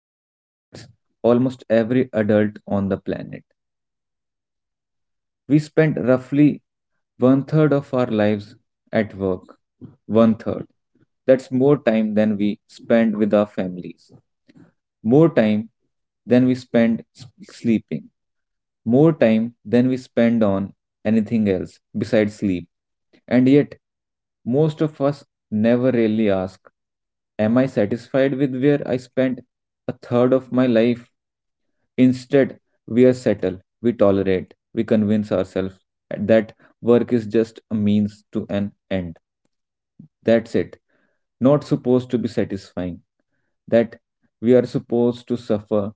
that affects almost every adult on the planet. We spend roughly one third of our lives at work. One third. That's more time than we spend with our families, more time than we spend sleeping, more time than we spend on anything else besides sleep. And yet, most of us never really ask, am I satisfied with where I spent a third of my life? Instead, we are settled, we tolerate, we convince ourselves that work is just a means to an end. That's it. Not supposed to be satisfying, that we are supposed to suffer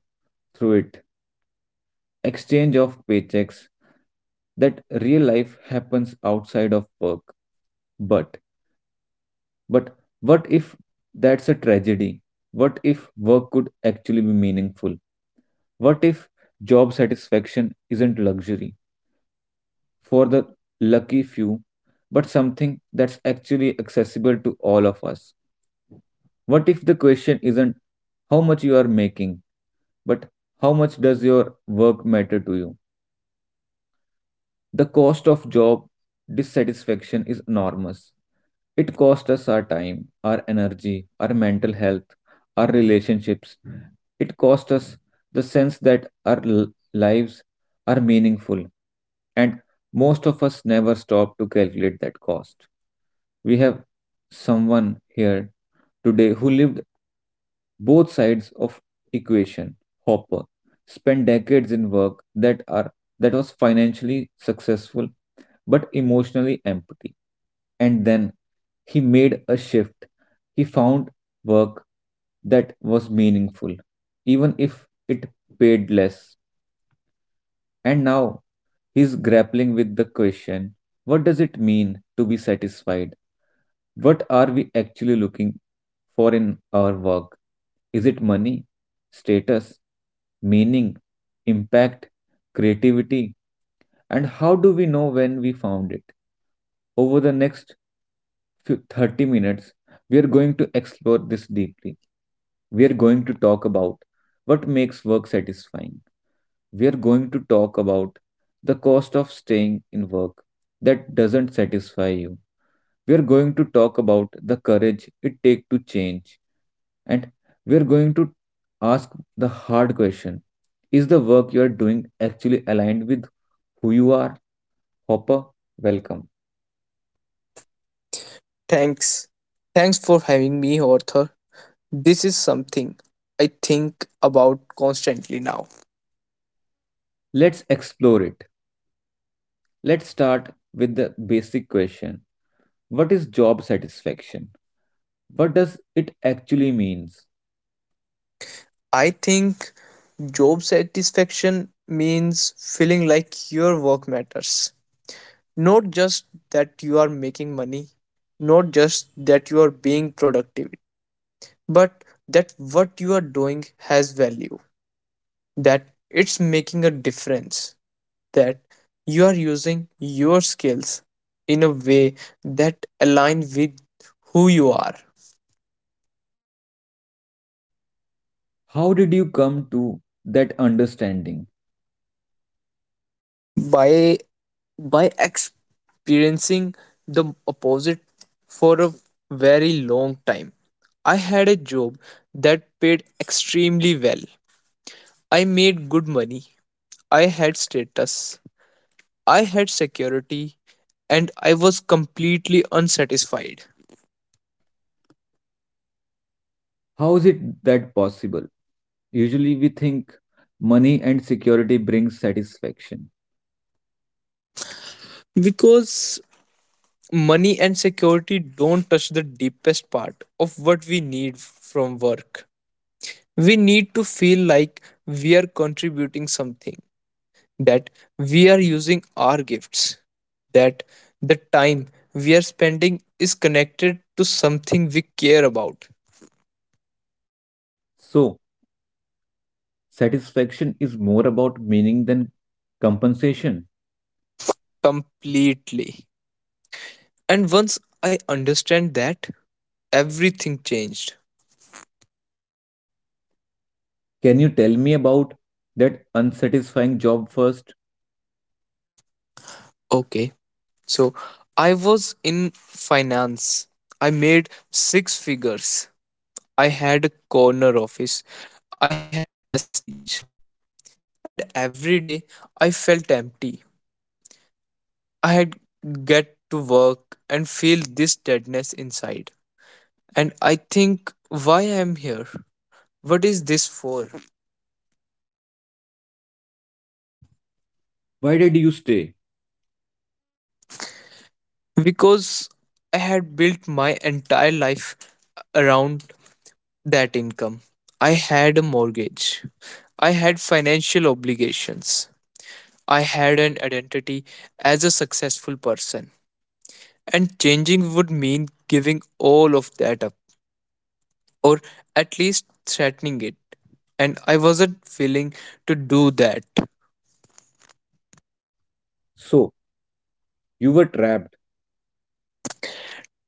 through it. Exchange of paychecks, that real life happens outside of work. But but what if that's a tragedy? What if work could actually be meaningful? What if job satisfaction isn't luxury for the lucky few, but something that's actually accessible to all of us? What if the question isn't how much you are making, but how much does your work matter to you? The cost of job dissatisfaction is enormous. It costs us our time, our energy, our mental health, our relationships. It costs us the sense that our lives are meaningful. And most of us never stop to calculate that cost. We have someone here today who lived both sides of equation. Hopper spent decades in work that was financially successful but emotionally empty, and then he made a shift. He found work that was meaningful even if it paid less, and now he's grappling with the question, what does it mean to be satisfied? What are we actually looking for in our work? Is it money, status, meaning, impact, creativity? And how do we know when we found it? Over the next few 30 minutes, we are going to explore this deeply. We are going to talk about what makes work satisfying. We are going to talk about the cost of staying in work that doesn't satisfy you. We are going to talk about the courage it takes to change, and we are going to ask the hard question, is the work you are doing actually aligned with who you are? Hopper, welcome. Thanks. Thanks for having me, Arthur. This is something I think about constantly now. Let's explore it. Let's start with the basic question, what is job satisfaction? What does it actually means? I think job satisfaction means feeling like your work matters. Not just that you are making money, not just that you are being productive, but that what you are doing has value, that it's making a difference, that you are using your skills in a way that align with who you are. How did you come to that understanding? By by experiencing the opposite for a very long time, I had a job that paid extremely well. I made good money, I had status, I had security, and I was completely unsatisfied. How is it that possible? Usually we think money and security brings satisfaction. Because money and security don't touch the deepest part of what we need from work. We need to feel like we are contributing something, that we are using our gifts, that the time we are spending is connected to something we care about. So, satisfaction is more about meaning than compensation. Completely. And once I understand that, everything changed. Can you tell me about that unsatisfying job first? Okay, so I was in finance. I made six figures. I had a corner office. I had prestige. And every day I felt empty. I had get to work and feel this deadness inside. And I think, why I'm here? What is this for? Why did you stay? Because I had built my entire life around that income. I had a mortgage. I had financial obligations. I had an identity as a successful person. And changing would mean giving all of that up, or at least threatening it. And I wasn't willing to do that. So, you were trapped.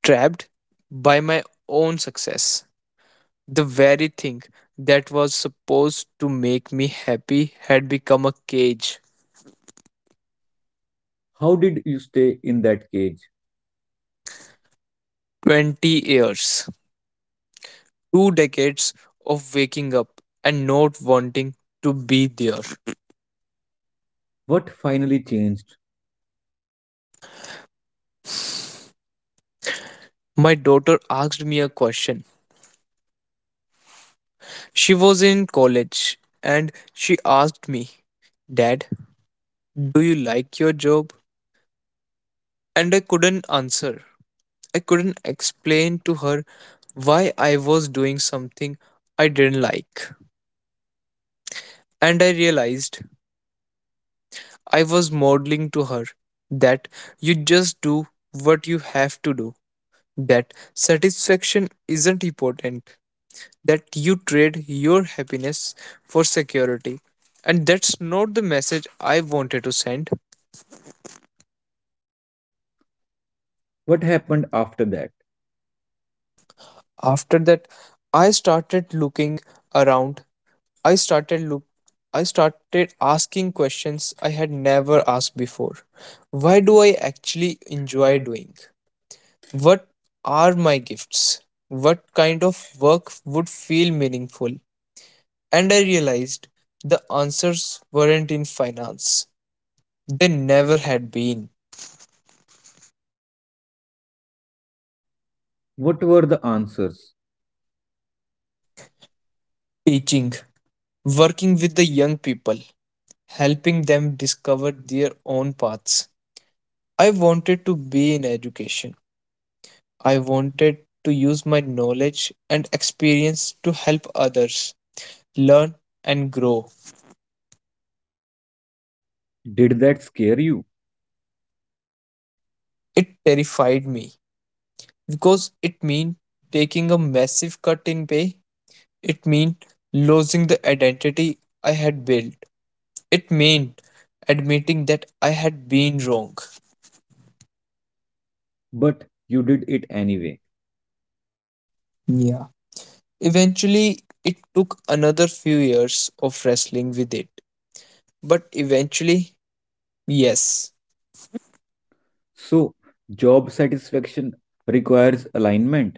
Trapped by my own success. The very thing that was supposed to make me happy had become a cage. How did you stay in that cage? 20 years, two decades of waking up and not wanting to be there. What finally changed? My daughter asked me a question. She was in college and she asked me, Dad, do you like your job? And I couldn't answer. I couldn't explain to her why I was doing something I didn't like. And I realized I was modeling to her that you just do what you have to do, that satisfaction isn't important, that you trade your happiness for security. And that's not the message I wanted to send. What happened after that? After that, I started looking around. I started look I started asking questions I had never asked before. Why do I actually enjoy doing? What are my gifts? What kind of work would feel meaningful? And I realized the answers weren't in finance. They never had been. What were the answers? Teaching, working with the young people, helping them discover their own paths. I wanted to be in education. I wanted to use my knowledge and experience to help others learn and grow. Did that scare you? It terrified me because it meant taking a massive cut in pay, it meant losing the identity I had built, it meant admitting that I had been wrong. But you did it anyway. Yeah. Eventually, it took another few years of wrestling with it. But eventually, yes, So, job satisfaction requires alignment.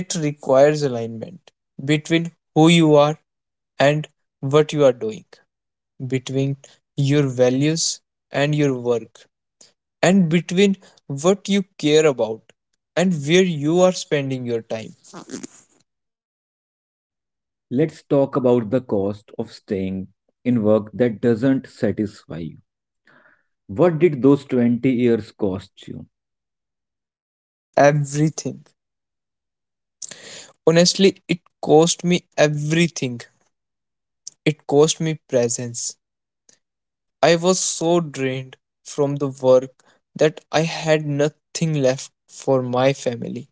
it requires alignment between who you are and what you are doing, between your values and your work, and between what you care about and where you are spending your time. Let's talk about the cost of staying in work that doesn't satisfy you. What did those 20 years cost you? Everything. Honestly, it cost me everything. It cost me presence. I was so drained from the work that I had nothing left for my family.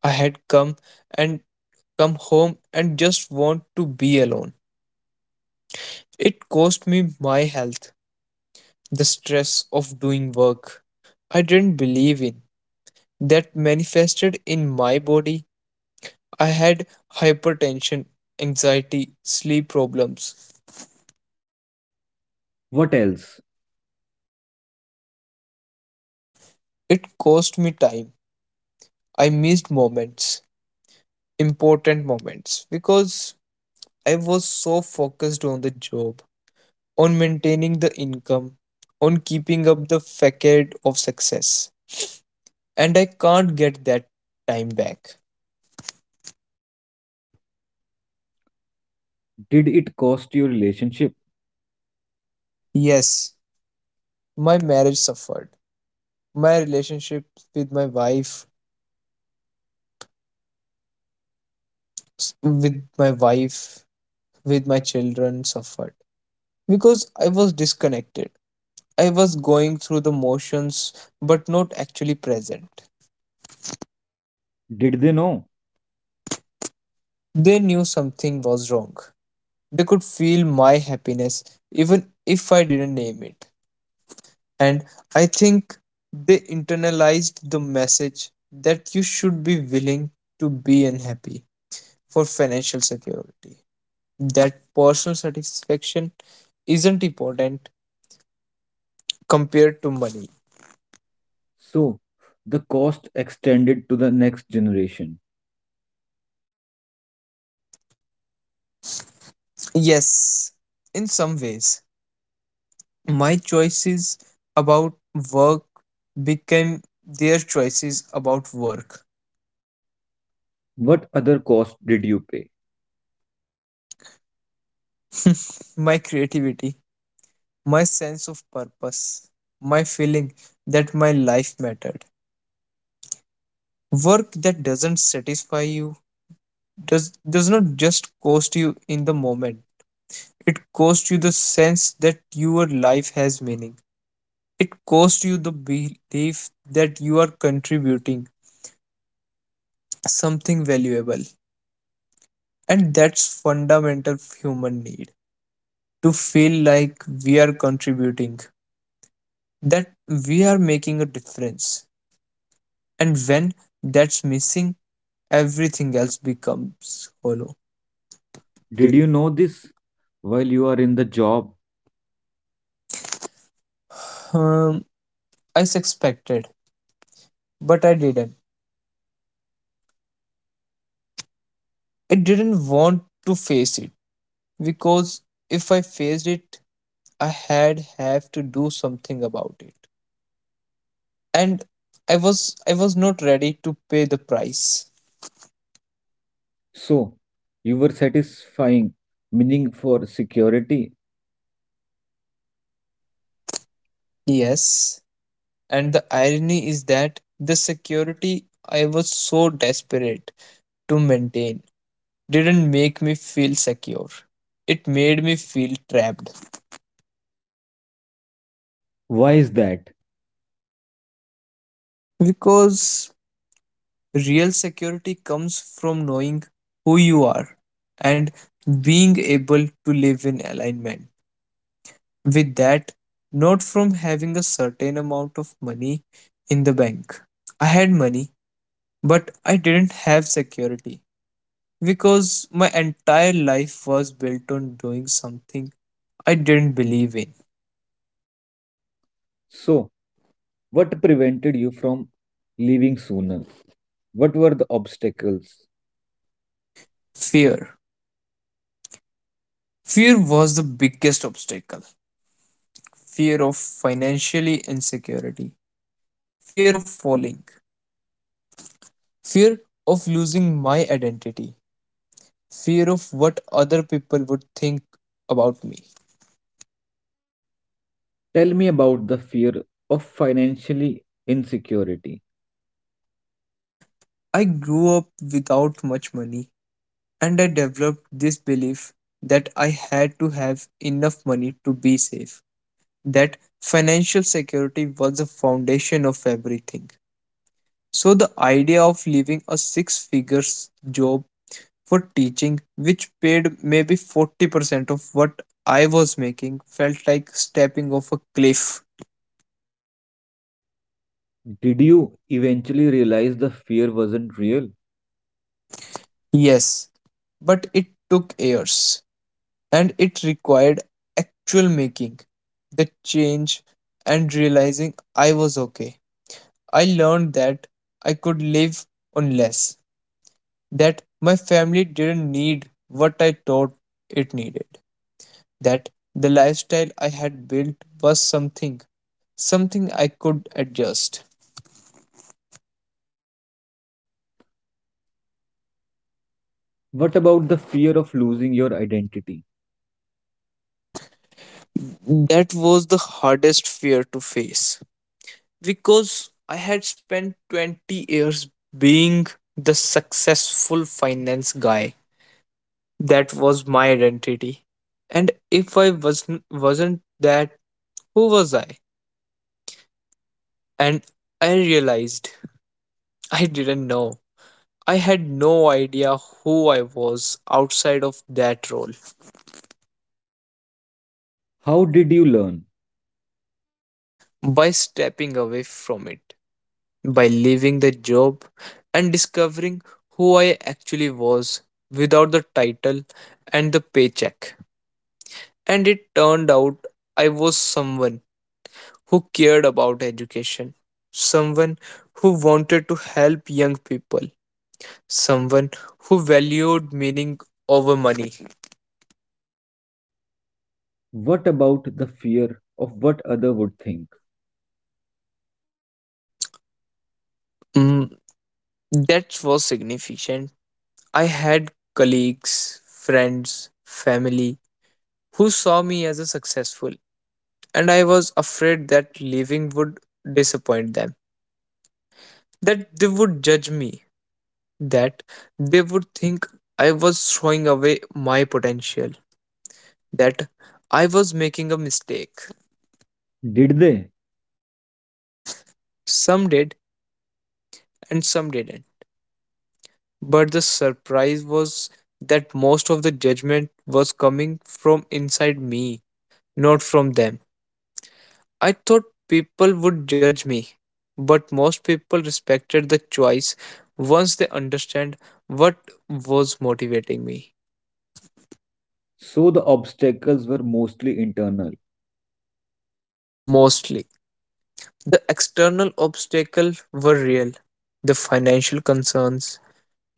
I had and come home and just want to be alone. It cost me my health, the stress of doing work I didn't believe in, that manifested in my body. I had hypertension, anxiety, sleep problems. What else? It cost me time. I missed moments, important moments, because I was so focused on the job, on maintaining the income, on keeping up the facade of success. And I can't get that time back. Did it cost your relationship? Yes, my marriage suffered. My relationship with my wife with my wife, with my children suffered because I was disconnected. I was going through the motions but not actually present. Did they know? They knew something was wrong. They could feel my happiness even if I didn't name it. And I think they internalized the message that you should be willing to be unhappy for financial security, that personal satisfaction isn't important compared to money. So, the cost extended to the next generation. Yes, in some ways, my choices about work became their choices about work. What other cost did you pay? My creativity, my sense of purpose, my feeling that my life mattered. Work that doesn't satisfy you does not just cost you in the moment, it costs you the sense that your life has meaning. It costs you the belief that you are contributing something valuable. And that's fundamental human need to feel like we are contributing, that we are making a difference. And when that's missing, everything else becomes hollow. Did Did you know this while you are in the job? Um, I suspected, but I didn't. I didn't want to face it because if I faced it, I had have to do something about it. And i was I was not ready to pay the price. So, you were satisfying meaning for security. Yes, and the irony is that the security I was so desperate to maintain didn't make me feel secure. It made me feel trapped. Why is that? Because real security comes from knowing who you are and being able to live in alignment with that, not from having a certain amount of money in the bank. I had money, but I didn't have security because my entire life was built on doing something I didn't believe in. So, what prevented you from leaving sooner? What were the obstacles? Fear. Fear was the biggest obstacle, fear of financially insecurity, fear of falling, fear of losing my identity, fear of what other people would think about me. Tell me about the fear of financially insecurity. I grew up without much money and I developed this belief that I had to have enough money to be safe, that financial security was the foundation of everything. So, the idea of leaving a six figures job for teaching, which paid maybe 40% of what I was making, felt like stepping off a cliff. Did you eventually realize the fear wasn't real? Yes, but it took years and it required actual making, the change, and realizing I was okay. I learned that I could live on less, that my family didn't need what I thought it needed, that the lifestyle I had built was something, something I could adjust. What about the fear of losing your identity? That was the hardest fear to face because I had spent 20 years being the successful finance guy. That was my identity. And if I wasn't that, who was I? And I realized I didn't know. I had no idea who I was outside of that role. How did you learn? By stepping away from it, by leaving the job and discovering who I actually was without the title and the paycheck. And it turned out I was someone who cared about education, someone who wanted to help young people, someone who valued meaning over money. What about the fear of what other would think? Mm, that was significant. I had colleagues, friends, family who saw me as a successful, and I was afraid that leaving would disappoint them, that they would judge me, that they would think I was throwing away my potential, that I was making a mistake. Did they? Some did, and some didn't. But the surprise was that most of the judgment was coming from inside me, not from them. I thought people would judge me, but most people respected the choice once they understand what was motivating me. So the obstacles were mostly internal. Mostly, the external obstacles were real, the financial concerns,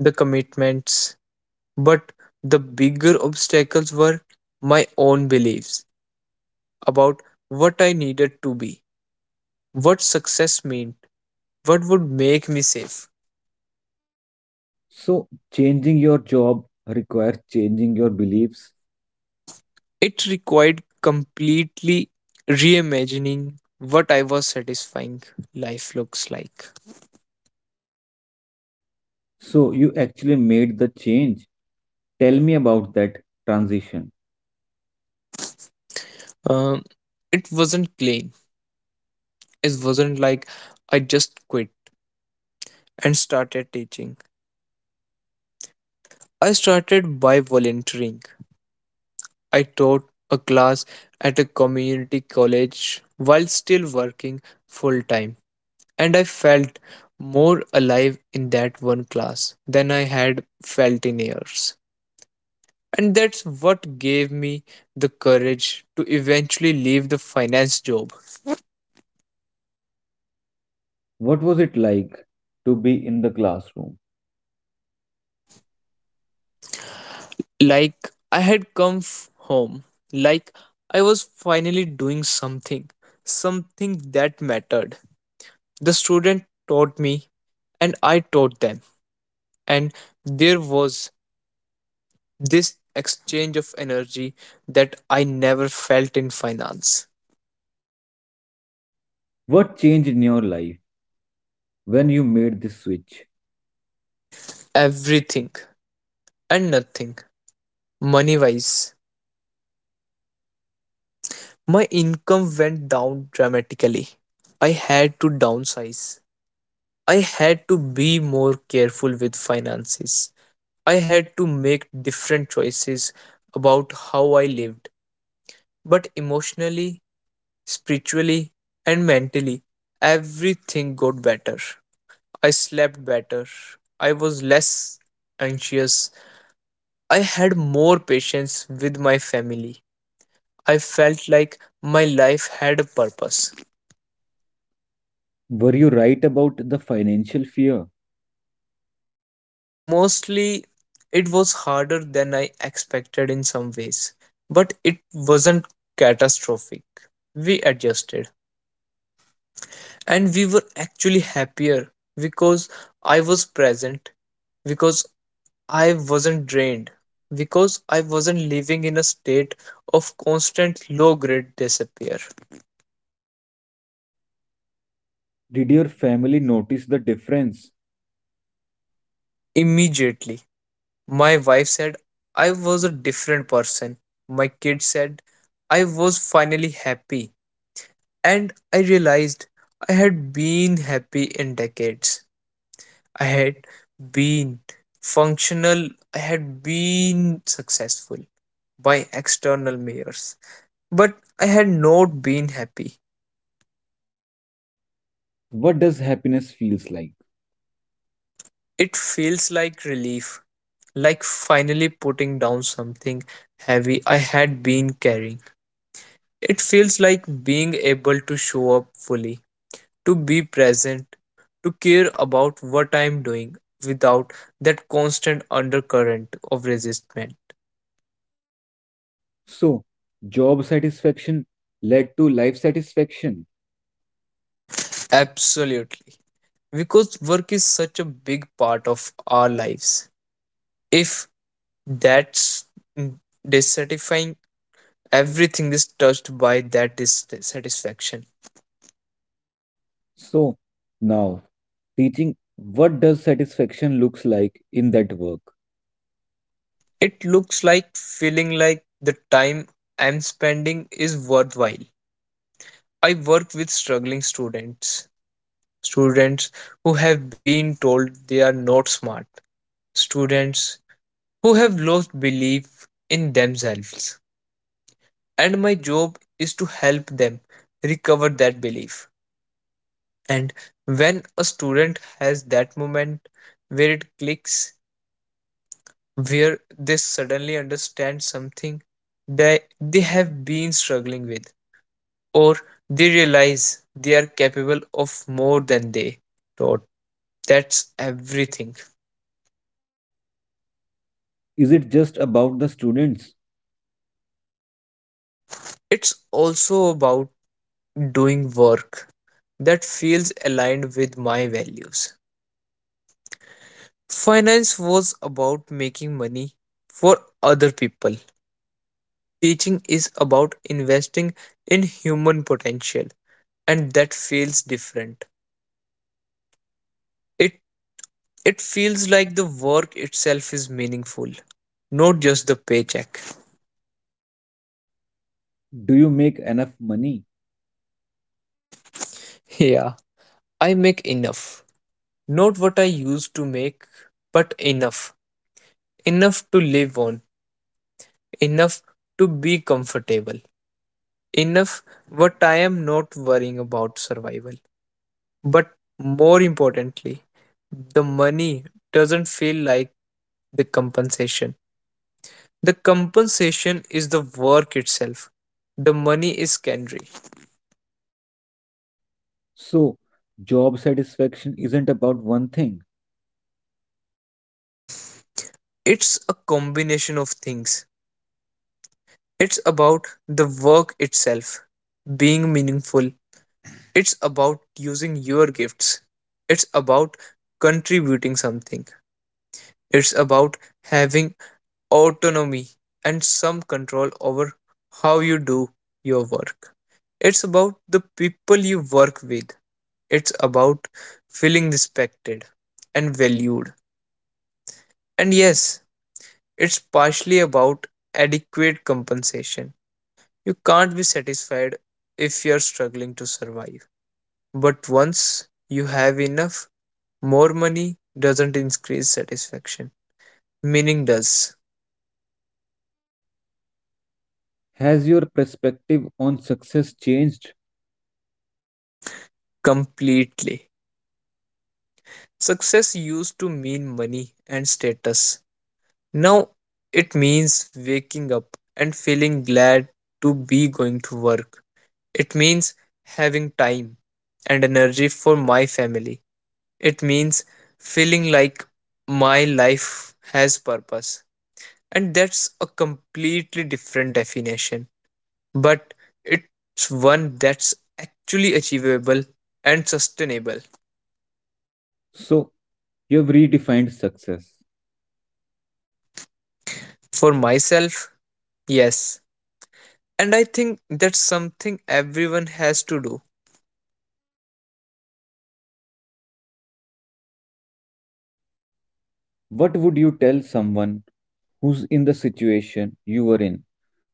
the commitments, but the bigger obstacles were my own beliefs about what I needed to be, what success meant, what would make me safe. So changing your job requires changing your beliefs. It required completely reimagining what I was satisfying life looks like. So you actually made the change. Tell me about that transition. Um, it wasn't plain. It wasn't like I just quit and started teaching. I started by volunteering. I taught a class at a community college while still working full time, and I felt more alive in that one class than I had felt in years. And that's what gave me the courage to eventually leave the finance job. What was it like to be in the classroom? Like I had come home, like I was finally doing something, something that mattered. The student taught me, and I taught them, and there was this exchange of energy that I never felt in finance. What changed in your life when you made this switch? Everything and nothing, money wise, my income went down dramatically. I had to downsize. I had to be more careful with finances. I had to make different choices about how I lived. But emotionally, spiritually, and mentally, everything got better. I slept better. I was less anxious. I had more patience with my family. I felt like my life had a purpose. Were you right about the financial fear? Mostly, it was harder than I expected in some ways, but it wasn't catastrophic. We adjusted, and we were actually happier because I was present, because I wasn't drained, because I wasn't living in a state of constant low grade disappear. Did your family notice the difference? Immediately, my wife said I was a different person. My kids said I was finally happy and I realized I had been happy in decades. I had been functional, I had been successful by external measures, but I had not been happy. What does happiness feels like? It feels like relief, like finally putting down something heavy I had been carrying. It feels like being able to show up fully to be present, to care about what I'm doing without that constant undercurrent of resistment. So, job satisfaction led to life satisfaction. Absolutely. Because work is such a big part of our lives. If that's mm, dissatisfying, everything is touched by that dissatisfaction. So, now teaching, what does satisfaction looks like in that work? It looks like feeling like the time I'm spending is worthwhile. I work with struggling students, students who have been told they are not smart, students who have lost belief in themselves. And my job is to help them recover that belief. And when a student has that moment where it clicks, where they suddenly understand something that they have been struggling with, or they realize they are capable of more than they thought, that's everything. Is it just about the students? It's also about doing work that feels aligned with my values. Finance was about making money for other people. Teaching is about investing in human potential, and that feels different. It it feels like the work itself is meaningful, not just the paycheck. Do you make enough money? Yeah, I make enough. Not what I used to make, but enough. Enough to live on, enough to be comfortable, enough what I am not worrying about survival. But more importantly, the money doesn't feel like the compensation. The compensation is the work itself. The money is secondary. So, job satisfaction isn't about one thing. It's a combination of things. It's about the work itself being meaningful. It's about using your gifts. It's about contributing something. It's about having autonomy and some control over how you do your work. It's about the people you work with. It's about feeling respected and valued. And yes, it's partially about adequate compensation. You can't be satisfied if you're struggling to survive. But once you have enough, more money doesn't increase satisfaction. Meaning does Has your perspective on success changed? completely. Success used to mean money and status. Now it means waking up and feeling glad to be going to work. It means having time and energy for my family. It means feeling like my life has purpose. And that's a completely different definition, but it's one that's actually achievable and sustainable. So, you've redefined success. For myself, yes, and I think that's something everyone has to do. What would you tell someone who's in the situation you were in?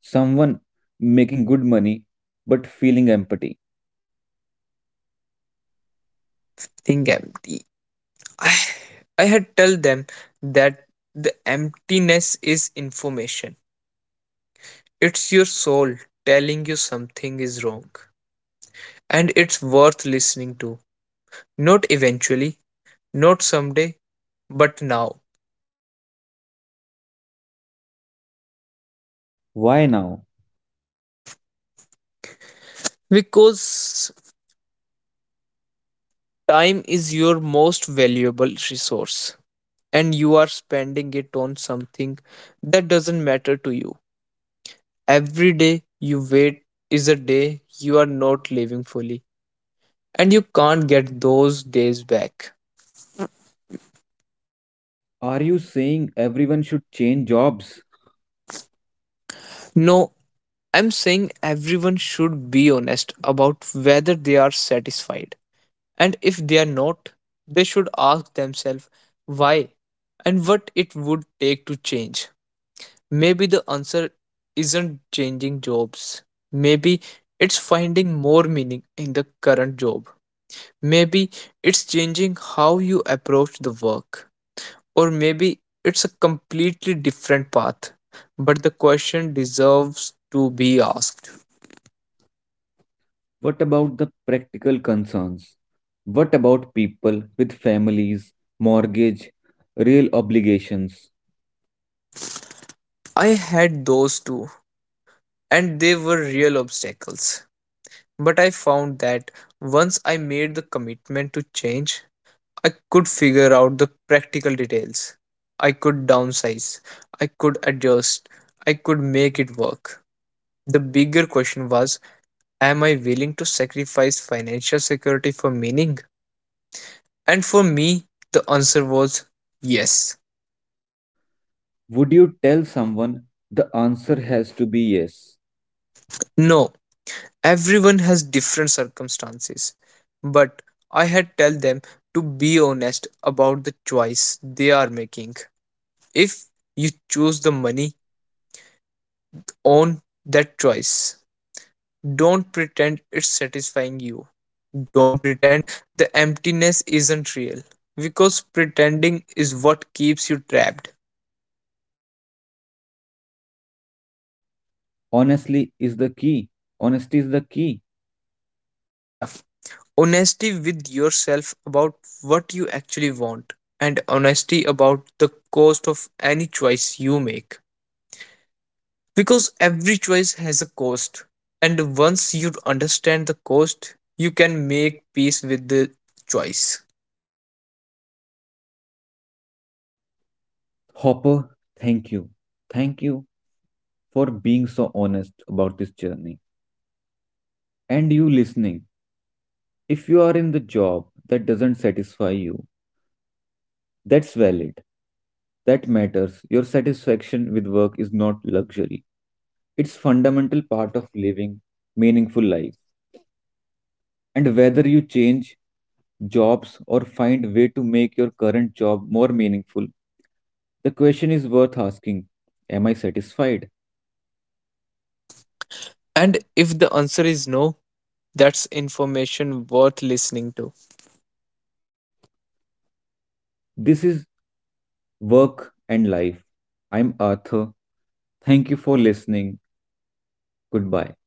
Someone making good money but feeling empty. Think empty. I, I had tell them that the emptiness is information. It's your soul telling you something is wrong. And it's worth listening to. Not eventually, not someday, but now. Why now? Because time is your most valuable resource. And you are spending it on something that doesn't matter to you. Every day you wait is a day you are not living fully, and you can't get those days back. Are you saying everyone should change jobs? No, I'm saying everyone should be honest about whether they are satisfied. And if they are not, they should ask themselves why and what it would take to change. Maybe the answer isn't changing jobs. Maybe it's finding more meaning in the current job. Maybe it's changing how you approach the work, or maybe it's a completely different path. But the question deserves to be asked. What about the practical concerns? What about people with families, mortgage, real obligations? I had those too, and they were real obstacles. But I found that once I made the commitment to change, I could figure out the practical details. I could downsize, I could adjust, I could make it work. The bigger question was, am I willing to sacrifice financial security for meaning? And for me, the answer was yes. Would you tell someone the answer has to be yes? No, everyone has different circumstances. But I had tell them to be honest about the choice they are making. If you choose the money, own that choice. Don't pretend it's satisfying you. Don't pretend the emptiness isn't real, because pretending is what keeps you trapped. So, honestly is the key. Honesty is the key. Yeah, honesty with yourself about what you actually want, and honesty about the cost of any choice you make, because every choice has a cost, and once you understand the cost you can make peace with the choice. Hopper, thank you. Thank you for being so honest about this journey. And you listening. If you are in the job that doesn't satisfy you, that's valid. That matters. Your satisfaction with work is not luxury. It's fundamental part of living meaningful life. And whether you change jobs or find way to make your current job more meaningful, the question is worth asking, am I satisfied? And And if the answer is no, that's information worth listening to. this is Work and Life. I'm Arthur. Thank you for listening. Goodbye.